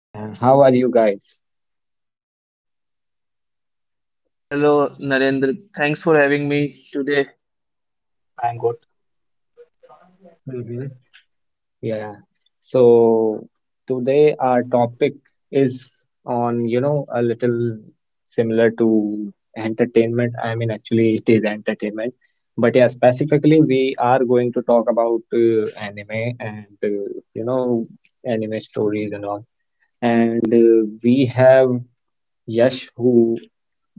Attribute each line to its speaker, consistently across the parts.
Speaker 1: How are you guys?
Speaker 2: Hello, hello, Narendra. Thanks for having me today.
Speaker 1: Mm-hmm. Yeah. So today our topic is on, a little similar to entertainment. I mean, actually it is entertainment. But yeah, specifically we are going to talk about anime and, anime stories and all. And we have Yash who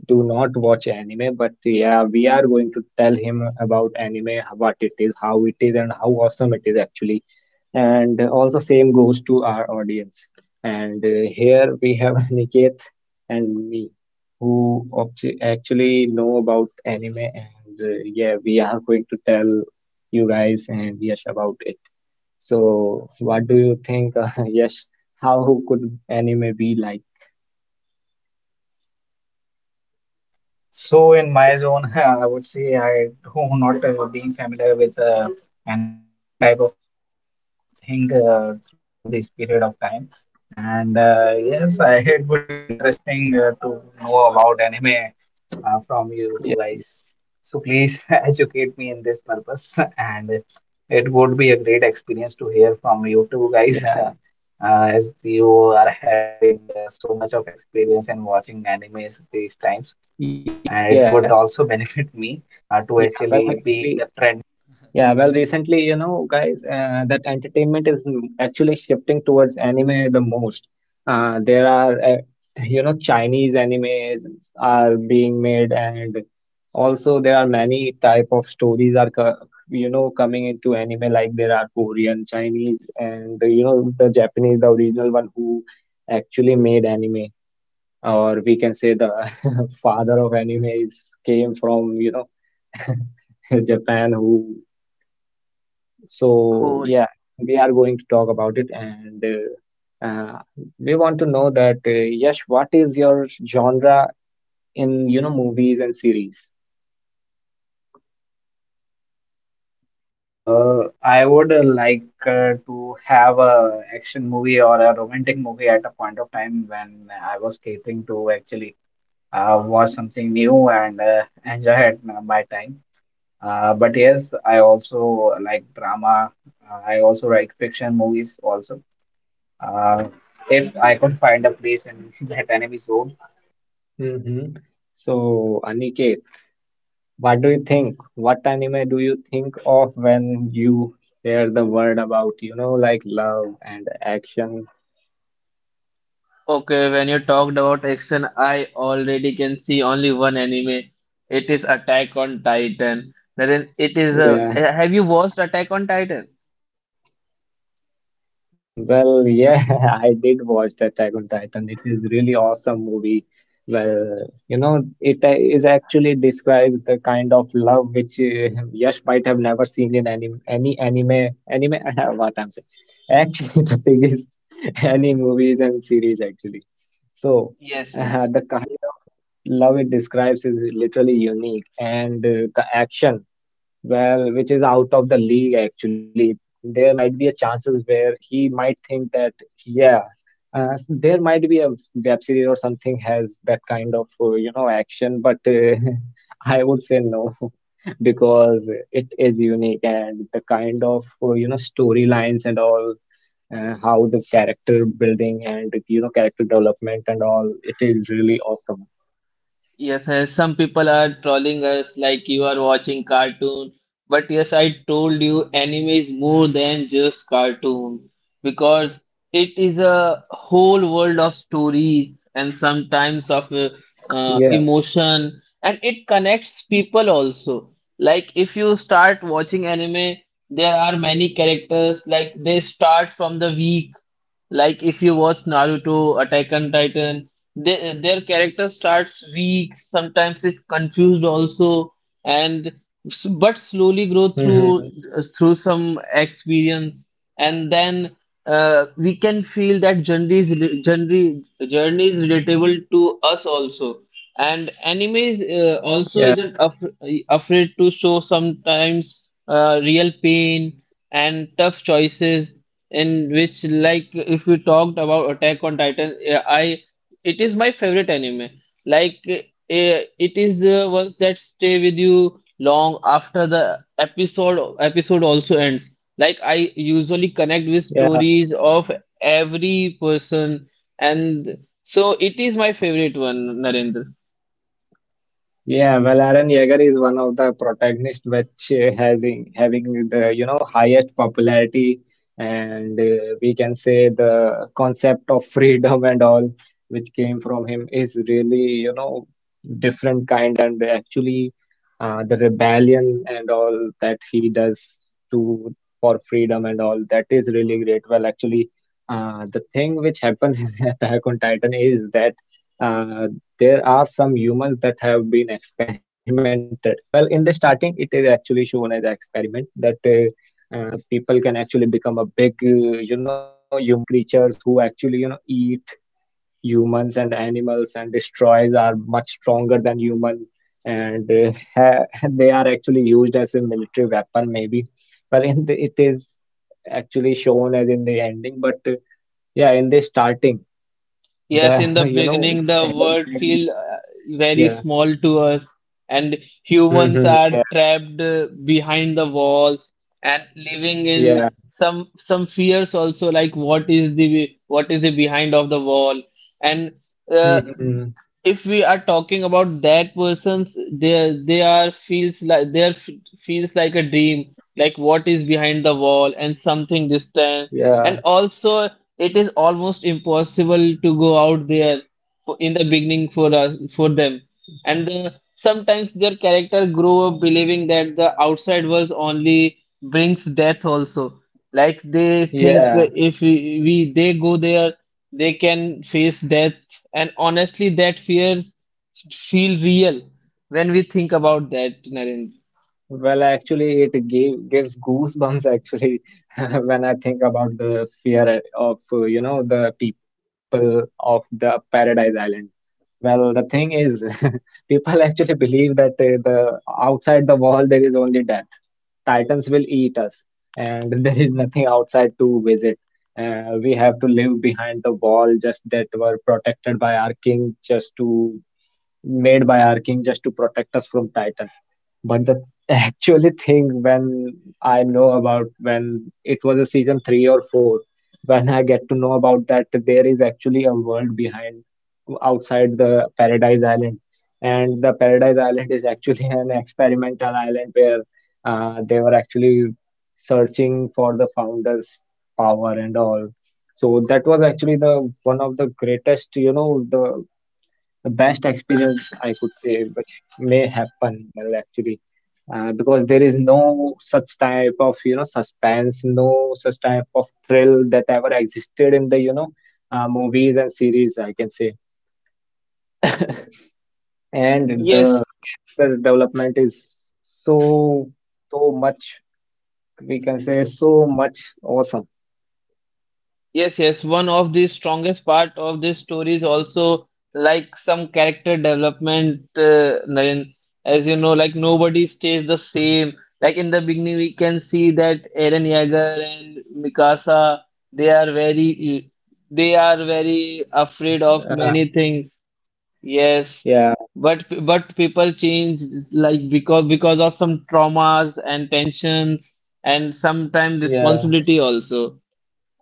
Speaker 1: do not watch anime, but yeah, we are going to tell him about anime, what it is, how it is, and how awesome it is actually. And also, same goes to our audience. And here we have Niket and me, who actually know about anime, and yeah, we are going to tell you guys and Yash about it. So, what do you think, Yash? How could anime be like?
Speaker 3: So in my zone, I would say I do not being familiar with anime type of thing through this period of time. And yes, it would be interesting to know about anime from you two
Speaker 1: Yeah,
Speaker 3: guys. So please educate me in this purpose, and it would be a great experience to hear from you two guys,
Speaker 1: yeah,
Speaker 3: as you are having so much of experience in watching animes these times
Speaker 1: yeah.
Speaker 3: and it would also benefit me
Speaker 1: Yeah, well,
Speaker 3: to
Speaker 1: actually,
Speaker 3: actually be
Speaker 1: recently, guys, that entertainment is actually shifting towards anime the most. There are, Chinese animes are being made, and also there are many type of stories are, coming into anime. Like there are Korean, Chinese, and the Japanese, the original one who actually made anime, or we can say the father of anime is came from, Japan, who so
Speaker 2: Cool.
Speaker 1: yeah, we are going to talk about it, and uh, uh, we want to know that Yash, what is your genre in movies and series?
Speaker 3: I would like to have a action movie or a romantic movie at a point of time when I was catering to actually watch something new and enjoy it, my time. But yes, I also like drama. I also like fiction movies also. Uh, if I could find a place in that enemy zone.
Speaker 1: Hmm. So Aniket, what do you think? What anime do you think of when you hear the word about like love and action?
Speaker 2: Okay, when you talked about action, I already can see only one anime. It is Attack on Titan. Naren, it is a. Have you watched Attack on Titan?
Speaker 1: Hmm, well, yeah, I did watch that Attack on Titan. It is really awesome movie. Well, it is actually describes the kind of love which Yash might have never seen in any anime. What I'm saying, actually, the thing is, any movies and series actually. So,
Speaker 2: Yes, yes.
Speaker 1: the kind of love it describes is literally unique, and the action well, which is out of the league actually. There might be a chances where he might think that, yeah, there might be a web series or something has that kind of action, but I would say no because it is unique and the kind of storylines and all. How the character building and character development and all it is really awesome.
Speaker 2: Yes, yes, some people are trolling us like you are watching cartoon. But yes, I told you anime is more than just cartoon because it is a whole world of stories and sometimes of
Speaker 1: Yeah.
Speaker 2: emotion, and it connects people also. Like if you start watching anime, there are many characters like they start from the weak. Like if you watch Naruto, Attack on Titan, their character starts weak, sometimes it's confused also, and but slowly grow
Speaker 1: Hmm.
Speaker 2: through some experience, and then we can feel that journey is relatable to us also. And anime is also
Speaker 1: Yeah,
Speaker 2: isn't af afraid to show sometimes real pain and tough choices, in which like if we talked about Attack on Titan, yeah, I it is my favorite anime. Like it is the ones that stay with you long after the episode also ends. Like I usually connect with
Speaker 1: yeah.
Speaker 2: stories of every person, and so it is my favorite one, Narendra.
Speaker 1: Yeah, well, Aaron Yeager is one of the protagonists which having the highest popularity, and we can say the concept of freedom and all which came from him is really you know different kind and actually the rebellion and all that he does to for freedom and all that is really great. Well, actually, the thing which happens in Attack on Titan is that. Uh, there are some humans that have been experimented. Well, in the starting, it is actually shown as an experiment that people can actually become a big, humanoid creatures who actually, eat humans and animals and destroys are much stronger than human and they are actually used as a military weapon maybe but it is actually shown as in the ending but yeah in the starting the
Speaker 2: Yes, in the beginning, the
Speaker 1: Eren
Speaker 2: world
Speaker 1: Yeager
Speaker 2: feel
Speaker 1: is.
Speaker 2: very
Speaker 1: Yeah.
Speaker 2: small to us, and humans are
Speaker 1: Mm-hmm. Yeah,
Speaker 2: trapped behind the walls, and living in
Speaker 1: yeah.
Speaker 2: some fears also, like what is the behind of the wall. And uh,
Speaker 1: Mm-hmm.
Speaker 2: if we are talking about that person's, their, they are feels like their feels like a dream, like what is behind the wall and something distant. And
Speaker 1: Yeah,
Speaker 2: also it is almost impossible to go out there, for, in the beginning, for us, for them. And sometimes their character grow up believing that the outside world only brings death also, like they think
Speaker 1: yeah.
Speaker 2: if we, we they go there, they can face death. And honestly, that fears feel real when we think about that, Narendra.
Speaker 1: Well, actually, it gives goosebumps actually when I think about the fear of, the people of the Paradise Island. Well, the thing is, people actually believe that the outside the wall there is only death. Titans will eat us, and there is nothing outside to visit. We have to live behind the wall just that were protected by our king just to made by our king just to protect us from Titan. But the actually thing when I know about when it was a season 3 or 4, when I get to know about that there is actually a world behind outside the Paradise Island, and the Paradise Island is actually an experimental island where they were actually searching for the founder's power and all. So that was actually the one of the greatest, the best experience I could say, which may happen well actually, because there is no such type of suspense, no such type of thrill that ever existed in the movies and series I can say, and
Speaker 2: Yes,
Speaker 1: the character development is so so much we can say so much awesome.
Speaker 2: yes, yes. One of the strongest part of this story is also like some character development, Naren. As you know, like nobody stays the
Speaker 1: Mhm.
Speaker 2: same. Like in the beginning, we can see that Eren Yeager and Mikasa, they are very, they are very afraid of
Speaker 1: Uh,
Speaker 2: many things. Yes,
Speaker 1: yeah,
Speaker 2: but people change, like because of some traumas and tensions, and sometimes
Speaker 1: yeah,
Speaker 2: responsibility also.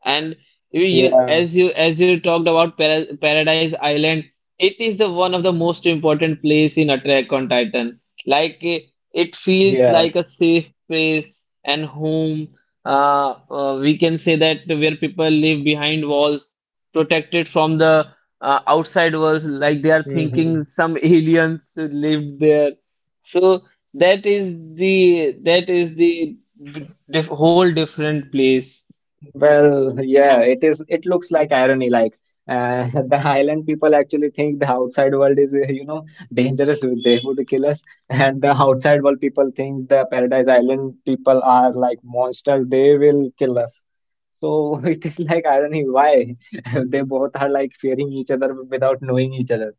Speaker 2: And you, you
Speaker 1: yeah,
Speaker 2: as you as you talked about Paradise Island, it is the one of the most important place in Attack on Titan. Like it feels like
Speaker 1: yeah.
Speaker 2: a safe place and home. We can say that where people live behind walls, protected from the outside world, like
Speaker 1: Hmm.
Speaker 2: they are thinking some aliens lived there. So that is the whole different place.
Speaker 1: Well, yeah,
Speaker 2: From
Speaker 1: it is. It looks like irony. Like the island people actually think the outside world is, dangerous. They would kill us, and the outside world people think the Paradise Island people are like monsters. They will kill us. So it is like irony. Why they both are like fearing each other without knowing each other.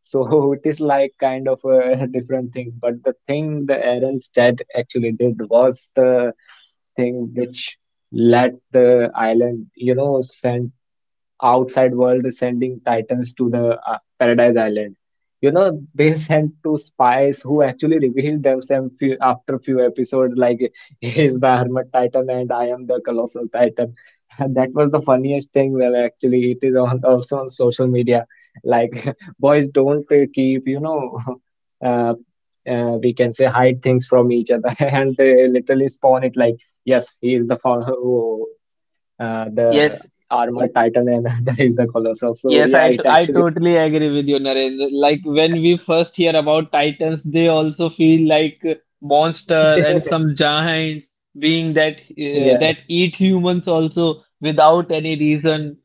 Speaker 1: So it is like kind of a different thing. But the thing the Aaron's dad actually did was the thing which let the island, send outside world sending titans to the Paradise Island. You know, they sent two spies who actually revealed themselves after few episodes, like he is the Hermit Titan and I am the Colossal Titan. And that was the funniest thing. Well, actually, it is also on social media. Like, boys don't keep, uh, we can say hide things from each other, and they literally spawn it like, yes, he is the founder. The
Speaker 2: Yes.
Speaker 1: armor titan and that is the colossal. So
Speaker 2: Yes,
Speaker 1: yeah, it
Speaker 2: I
Speaker 1: actually
Speaker 2: totally
Speaker 1: makes it
Speaker 2: agree
Speaker 1: funny.
Speaker 2: with you, Narendra. Like when
Speaker 1: Yeah,
Speaker 2: we first hear about Titans, they also feel like monster and some giants being that uh,
Speaker 1: yeah,
Speaker 2: that eat humans also without any
Speaker 1: yeah,
Speaker 2: reason.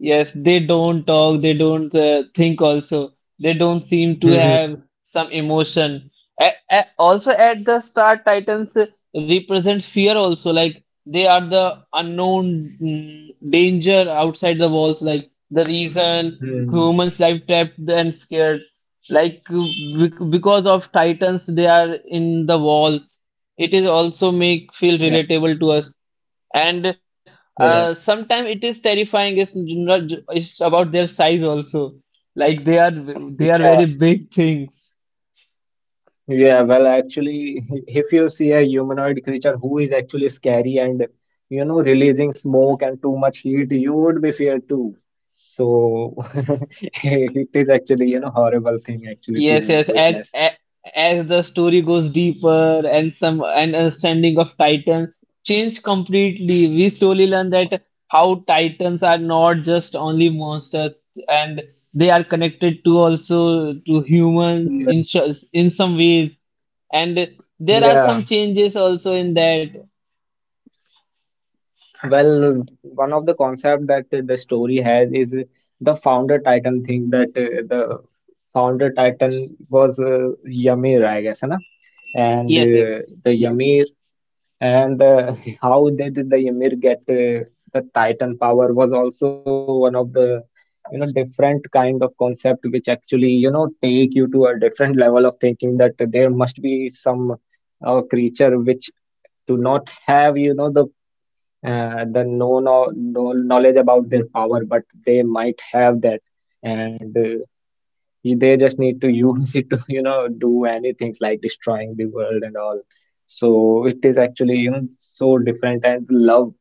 Speaker 2: Yes, they don't
Speaker 1: yeah.
Speaker 2: talk, they don't think also. They don't seem to have
Speaker 1: Hmm.
Speaker 2: some emotion. Also at the start, Titans represent fear also. Like they are the unknown danger outside the walls, like the reason
Speaker 1: Hmm.
Speaker 2: humans life trapped and scared. Like because of Titans, they are in the walls. It is also make feel
Speaker 1: Yeah,
Speaker 2: relatable to us, and
Speaker 1: yeah,
Speaker 2: sometimes it is terrifying. It's not. It's about their size also. Like they are very
Speaker 1: yeah,
Speaker 2: big things.
Speaker 1: yeah. Well, actually, if you see a humanoid creature who is actually scary and releasing smoke and too much heat, you would be feared too. So it is actually horrible thing actually
Speaker 2: Yes,
Speaker 1: to
Speaker 2: yes. And,
Speaker 1: witness.
Speaker 2: a- as the story goes deeper and some and understanding of Titan changed completely, we slowly learn that how Titans are not just only monsters, and they are connected to also to humans
Speaker 1: Yeah,
Speaker 2: in some ways. And there are
Speaker 1: yeah.
Speaker 2: some changes also in that.
Speaker 1: Well, one of the concept that the story has is the founder titan thing that the founder titan was Ymir, I guess, na? And
Speaker 2: Yes, yes.
Speaker 1: the Ymir and how did the Ymir get the titan power was also one of the different kind of concept which actually take you to a different level of thinking that there must be some creature which do not have the no knowledge about their power, but they might have that, and they just need to use it to, do anything like destroying the world and all. So it is actually, so different, and the love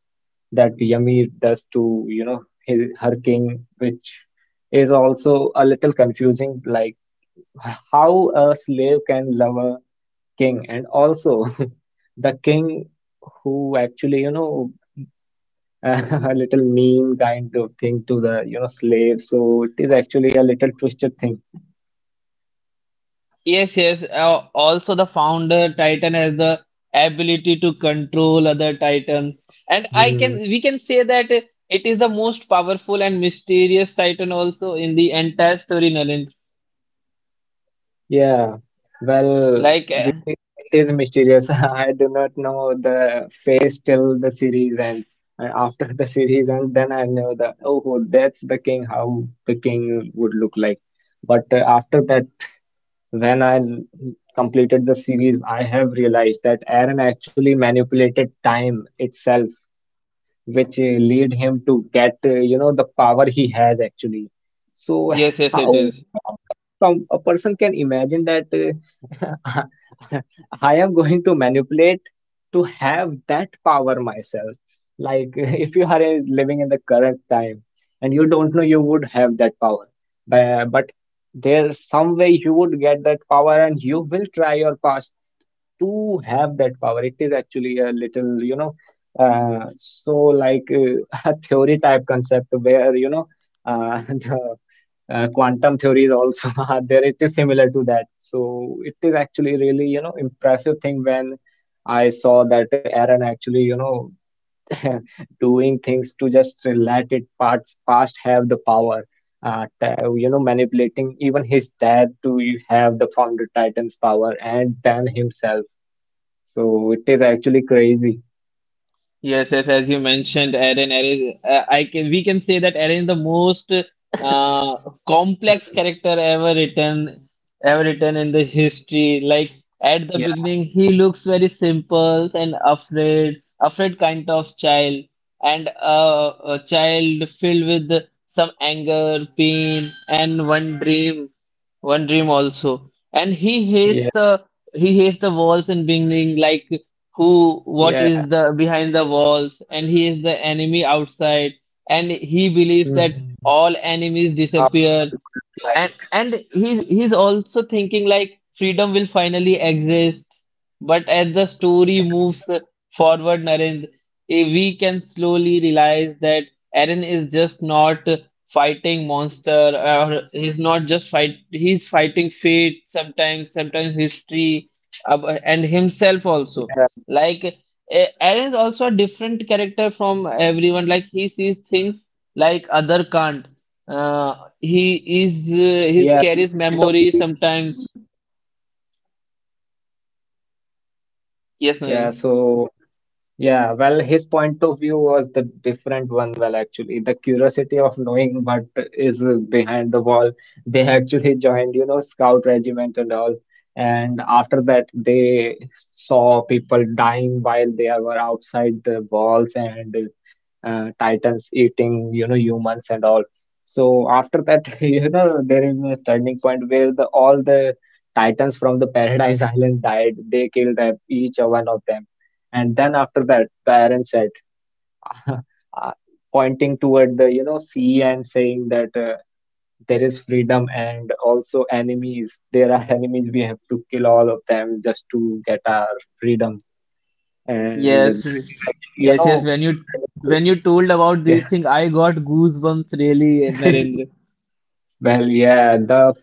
Speaker 1: that Yami does to, his, her king, which is also a little confusing, like how a slave can love a king, and also the king who actually. A little mean kind of thing to the slave so it is actually a little twisted thing.
Speaker 2: Yes, yes. Also, the founder Titan has the ability to control other Titans. And I can
Speaker 1: Hmm.
Speaker 2: we can say that it is the most powerful and mysterious Titan also in the entire story, Nalin.
Speaker 1: Yeah,
Speaker 2: Like,
Speaker 1: well, really it is mysterious I do not know the face till the series end. And after the series and then I know that oh, that's the king. How the king would look like. But after that when I completed the series I have realized that Aaron actually manipulated time itself which lead him to get the power he has actually. So
Speaker 2: yes, yes, it
Speaker 1: how
Speaker 2: is.
Speaker 1: can a person can imagine that I am going to manipulate to have that power myself. Like if you are living in the current time and you don't know you would have that power, but there's some way you would get that power and you will try your best to have that power. It is actually a little, so like a theory type concept where, the quantum theories also are there. It is similar to that. So it is actually really, impressive thing when I saw that Aaron actually, doing things to just let it part past have the power. Uh, t- manipulating even his dad to have the founder Titan's power and then himself. So it is actually crazy.
Speaker 2: Yes, yes, as you mentioned, Eren, Eren, is- I can we can say that Eren is the most complex
Speaker 1: Hmm.
Speaker 2: character ever written in the history. Like at the beginning,
Speaker 1: Yeah,
Speaker 2: he looks very simple and afraid kind of child, and a child filled with some anger, pain, and one dream also. And he hates the
Speaker 1: yeah,
Speaker 2: he hates the walls in beginning, like who what is
Speaker 1: yeah.
Speaker 2: the behind the walls, and he is the enemy outside, and he believes that
Speaker 1: Hmm.
Speaker 2: all enemies
Speaker 1: How the
Speaker 2: disappear,
Speaker 1: world would look
Speaker 2: and
Speaker 1: like.
Speaker 2: and he's also thinking like freedom will finally exist. But as the story
Speaker 1: Yeah,
Speaker 2: moves forward, Narendra, we can slowly realize that Aaron is just not fighting monster, or he's not just fight, he's fighting fate, sometimes history and himself also.
Speaker 1: yeah,
Speaker 2: Like Aaron is also a different character from everyone. Like he sees things like other can't. He
Speaker 1: yeah. His
Speaker 2: carries
Speaker 1: point of
Speaker 2: memory
Speaker 1: view is really
Speaker 2: sometimes.
Speaker 1: different.
Speaker 2: Yes,
Speaker 1: Yeah,
Speaker 2: Nandan.
Speaker 1: well, his point of view was the different one. Well, actually, the curiosity of knowing what is behind the wall. They actually joined, scout regiment and all. And after that, they saw people dying while they were outside the walls, and titans eating, humans and all. So after that, there is a turning point where the all the titans from the paradise island died. They killed each one of them, and then after that the iron said uh, pointing toward the, sea and saying that there is freedom and also enemies. There are enemies we have to kill all of them just to get our freedom. And
Speaker 2: Yes,
Speaker 1: that is actually,
Speaker 2: yes, yes. When you
Speaker 1: a little.
Speaker 2: when you told about these things, I got goosebumps really,
Speaker 1: Yeah.
Speaker 2: Narendra.
Speaker 1: Well, yeah, the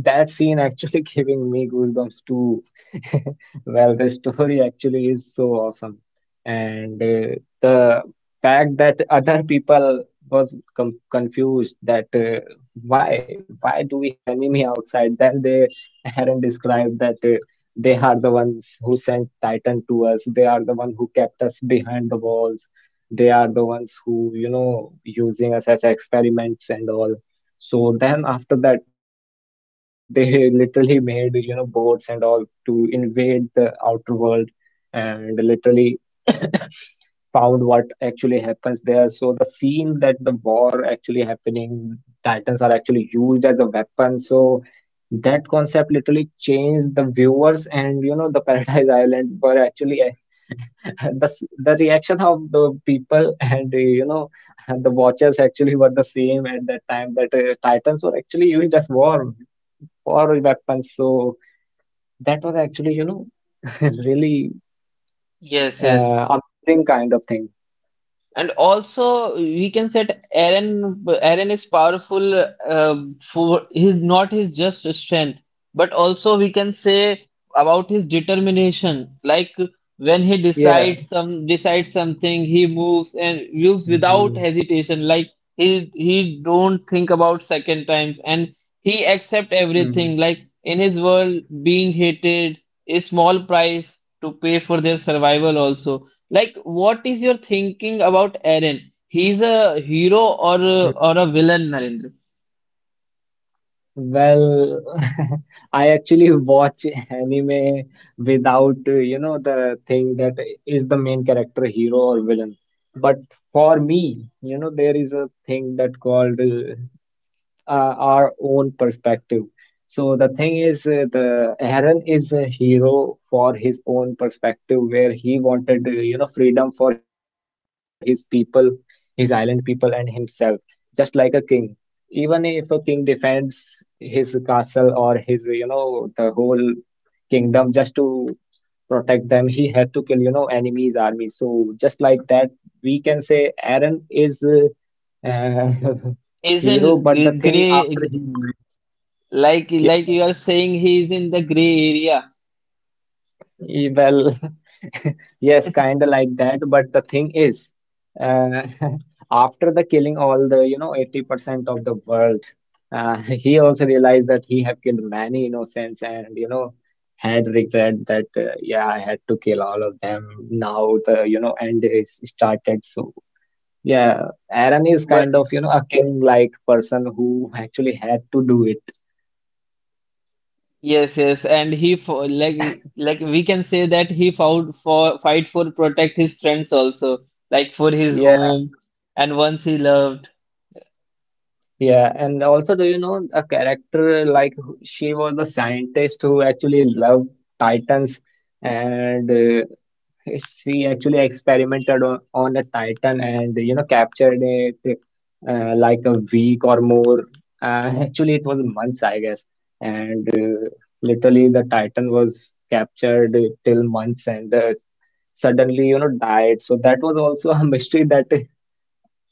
Speaker 1: that scene actually giving me goosebumps too. Well, the story actually is so awesome, and the fact that other people was com confused that, why do we have enemy outside? Then they, Aaron described that they are the ones who sent Titan to us. They are the one who kept us behind the walls. They are the ones who, using us as experiments and all. So then after that, they literally made, you know, boats and all to invade the outer world and literally found what actually happens there. So the scene that the war actually happening, Titans are actually used as a weapon. So that concept literally changed the viewers, and, you know, the Paradise Island were actually the, the reaction of the people, and you know, the watchers actually were the same at that time that titans were actually used as war weapons. So that was actually, you know, really
Speaker 2: Yes, yes.
Speaker 1: amusing kind of thing.
Speaker 2: And also, we can set Aaron. Aaron is powerful for his not his just strength, but also we can say about his determination. Like when he
Speaker 1: Yeah.
Speaker 2: decides something, he moves and moves
Speaker 1: Mm-hmm.
Speaker 2: without hesitation. Like he don't think about second times, and he accept everything. Like in his world, being hated, a small price to pay for their survival also, like what is your thinking about Eren? He's a hero, or
Speaker 1: Mm-hmm.
Speaker 2: a villain, Narendra?
Speaker 1: Well, I actually watch anime without, you know, the thing that is the main character, hero or villain. But for me, you know, there is a thing that called our own perspective. So the thing is, the Aaron is a hero for his own perspective, where he wanted, you know, freedom for his people, his island people, and himself, just like a king. Even if a king defends his castle or his, you know, the whole kingdom just to protect them. He had to kill, you know, enemies army. So just like that, we can say Aaron is uh,
Speaker 2: Is in
Speaker 1: hero. But the thing after
Speaker 2: gray,
Speaker 1: he realized,
Speaker 2: like
Speaker 1: yeah,
Speaker 2: like
Speaker 1: yeah.
Speaker 2: you are saying, he's in the gray area.
Speaker 1: Well, yes, kind of like that. But the thing is, uh, after the killing all the, you know, 80% of the world, he also realized that he have killed many innocents and, you know, had regret that, yeah, I had to kill all of them. Now the, you know, end is started. So, yeah, Aaron is
Speaker 2: But
Speaker 1: kind of, you know, a king-like person who actually had to do it.
Speaker 2: yes, yes, and he like we can say that he fought for fight for protect his friends also, like for his
Speaker 1: Yeah.
Speaker 2: home and ones he loved.
Speaker 1: Yeah, and also, do you know a character like she was a scientist who actually loved Titans, and she actually experimented on a Titan, and you know, captured it like a week or more. Actually, it was months, I guess, and literally the Titan was captured till months, and suddenly, you know, died. So that was also a mystery that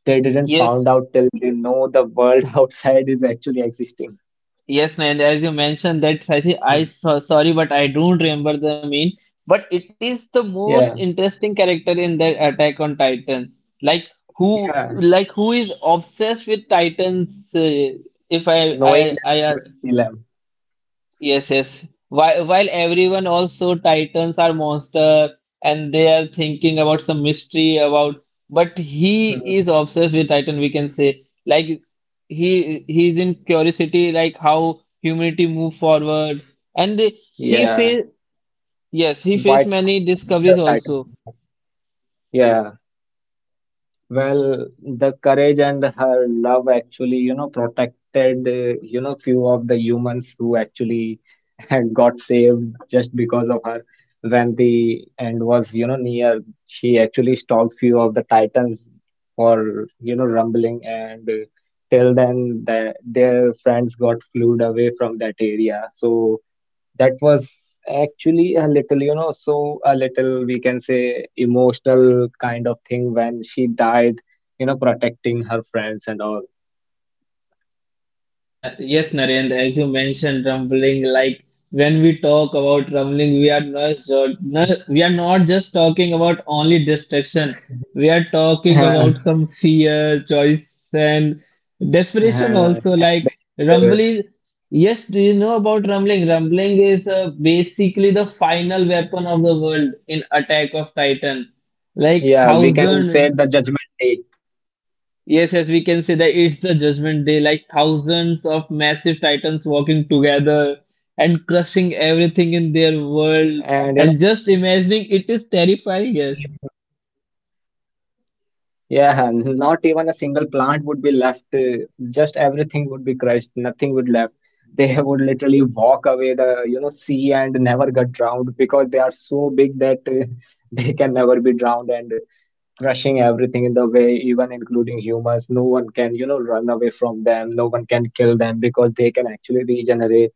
Speaker 1: they didn't
Speaker 2: Yes,
Speaker 1: found out till they know the world outside is actually existing.
Speaker 2: yes, and as you mentioned that Sachi,
Speaker 1: Hmm.
Speaker 2: sorry, but I don't remember the name. But it is the most
Speaker 1: Yeah,
Speaker 2: interesting character in that Attack on Titan. Like
Speaker 1: yeah.
Speaker 2: like who is obsessed with Titans? If I,
Speaker 1: Knowing that they
Speaker 2: I,
Speaker 1: would kill him.
Speaker 2: Yes, yes. While everyone also Titans are monster, and they are thinking about some mystery about, but he is
Speaker 1: Hmm.
Speaker 2: obsessed with Titan, we can say. Like he's in curiosity, like how humanity move forward. And he
Speaker 1: Yeah.
Speaker 2: faced yes, he faced
Speaker 1: What kind
Speaker 2: many
Speaker 1: of
Speaker 2: discoveries
Speaker 1: creature titans
Speaker 2: also.
Speaker 1: are? Yeah. Well, the courage and her love actually, you know, protected, you know, few of the humans who actually had got saved just because of her. When the end was, you know, near, she actually stopped few of the titans for, you know, rumbling, and till then, the, their friends got flued away from that area. So that was actually a little, you know, so a little, we can say, emotional kind of thing when she died, you know, protecting her friends and all.
Speaker 2: Yes, yes, Narendra, as you mentioned, rumbling, like when we talk about rumbling, we are not just talking about only destruction. We are talking about
Speaker 1: Uh,
Speaker 2: some fear, choice, and desperation also.
Speaker 1: and
Speaker 2: Like
Speaker 1: anger.
Speaker 2: rumbling, yes, do you know about rumbling? Rumbling is basically the final weapon of the world in Attack of Titan. Like
Speaker 1: Yeah, we can say
Speaker 2: thousand.
Speaker 1: the judgment day.
Speaker 2: Yes, yes, we can say that it's the Judgment Day, like thousands of massive titans walking together and crushing
Speaker 1: And you
Speaker 2: everything in
Speaker 1: know,
Speaker 2: their world. And just imagining it is
Speaker 1: even,
Speaker 2: terrifying, yes.
Speaker 1: yeah, not even a single plant would be left. Just everything would be crushed. Nothing would left. They would literally walk away the, you know, sea and never get drowned because they are so big that they can never be drowned and crushing everything in the way, even including humans. No one can, you know, run away from them. No one can kill them because they can actually regenerate.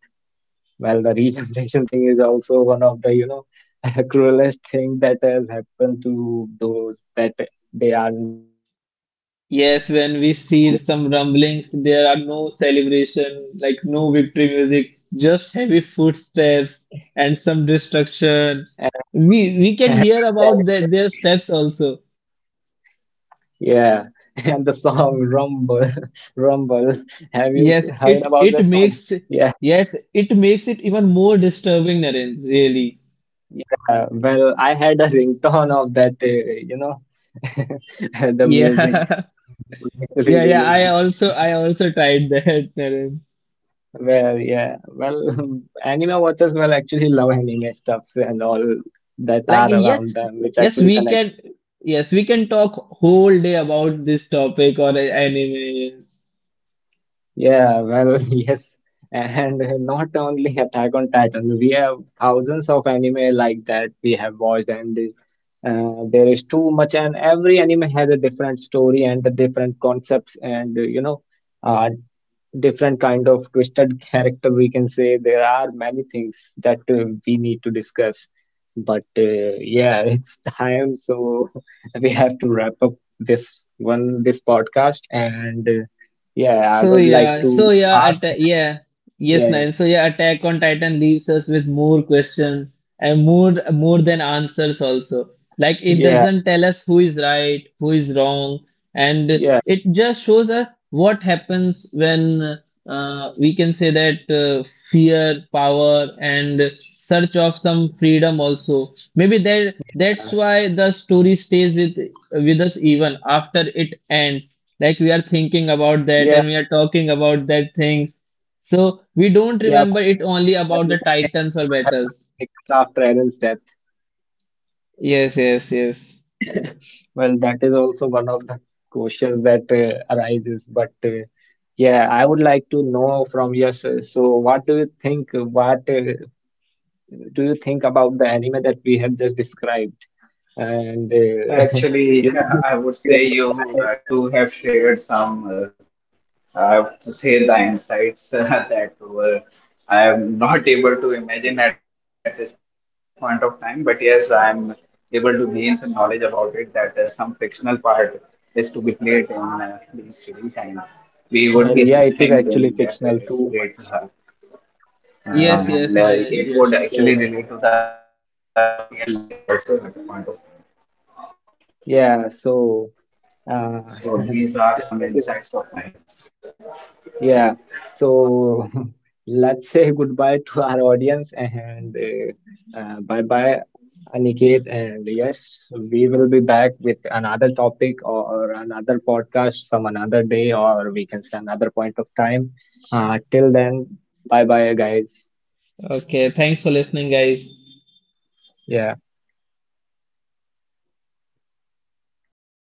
Speaker 1: Well, the regeneration thing is also one of the, you know, cruelest thing that has happened to those that they are not, you know, titans.
Speaker 2: Yes, when we see
Speaker 1: So,
Speaker 2: some rumblings, there are no celebration, like no victory music, just heavy footsteps and some destruction.
Speaker 1: and some,
Speaker 2: We can
Speaker 1: and the
Speaker 2: hear
Speaker 1: scary
Speaker 2: about their
Speaker 1: music.
Speaker 2: steps also.
Speaker 1: Yeah. And the song Rumble, Rumble. Have you
Speaker 2: Yes,
Speaker 1: heard about the song? Yeah.
Speaker 2: it makes it even more disturbing, Naren, really.
Speaker 1: Yeah. Well, I had a ringtone of that, you know, the
Speaker 2: Yeah,
Speaker 1: music, which was actually
Speaker 2: yeah, yeah.
Speaker 1: really.
Speaker 2: I also, I also tried that, Naren.
Speaker 1: Well, yeah. Well, anime watchers will actually love anime stuffs and all that
Speaker 2: Like,
Speaker 1: are around
Speaker 2: yes,
Speaker 1: them, which
Speaker 2: yes,
Speaker 1: actually connects them.
Speaker 2: yes, we can talk whole day about this topic or anime.
Speaker 1: Yeah, well, yes. And not only Attack on Titan, we have thousands of anime like that we have watched, and there is too much, and every anime has a different story and the different concepts, and you know, uh, different kind of twisted character, we can say. There are many things that we need to discuss, but yeah, it's time, so we have to wrap up this podcast, and yeah, I
Speaker 2: So
Speaker 1: would like
Speaker 2: yeah, so
Speaker 1: to
Speaker 2: yeah,
Speaker 1: ask Yash.
Speaker 2: yes,
Speaker 1: yeah.
Speaker 2: Nile. So yeah, Attack on Titan leaves us with more questions and more than answers also. Like it
Speaker 1: Yeah.
Speaker 2: doesn't tell us who is right, who is wrong, and
Speaker 1: Yeah.
Speaker 2: it just shows us what happens when we can say that fear, power, and search of some freedom also. Maybe that's
Speaker 1: Yeah.
Speaker 2: why the story stays with us even after it ends. Like we are thinking about that,
Speaker 1: Yeah.
Speaker 2: and we are talking about that things. So we don't
Speaker 1: Yeah.
Speaker 2: remember
Speaker 1: Well,
Speaker 2: it
Speaker 1: actually,
Speaker 2: only
Speaker 1: I
Speaker 2: about the
Speaker 1: also think that
Speaker 2: titans or
Speaker 1: what happened to
Speaker 2: battles.
Speaker 1: Mika's after Aaron's death.
Speaker 2: Yes, yes, yes.
Speaker 1: Well, that is also one of the questions that arises. But yeah, I would like to know from you, sir. So, what do you think? What do you think about the anime that we have just described? And you know,
Speaker 3: Actually,
Speaker 1: do you
Speaker 3: I
Speaker 1: ever
Speaker 3: would say
Speaker 1: try to?
Speaker 3: you too have shared some, I have to say, the insights that were. I am not able to imagine at this point of time. But yes, I am able to gain some knowledge about it that some fictional part is to be played in these
Speaker 1: Well,
Speaker 3: series,
Speaker 1: yeah,
Speaker 3: and
Speaker 1: it is actually
Speaker 3: we would be
Speaker 1: fictional too
Speaker 3: enjoying
Speaker 1: much.
Speaker 3: doing that. It's great to have,
Speaker 1: Yeah.
Speaker 2: Yes, yes,
Speaker 3: and
Speaker 1: So
Speaker 3: it would
Speaker 2: Yes.
Speaker 3: actually relate to the real life also at the point of.
Speaker 1: yeah. So
Speaker 3: So these
Speaker 1: uh,
Speaker 3: are some insights of mine.
Speaker 1: that is, yeah, so let's say goodbye to our audience, and bye bye, Aniket. And yes, we will be back with another topic or another podcast some another day, or we can say another point of time. Till then, bye bye, guys.
Speaker 2: Okay, thanks for listening, guys.
Speaker 1: Yeah.
Speaker 3: Thank you.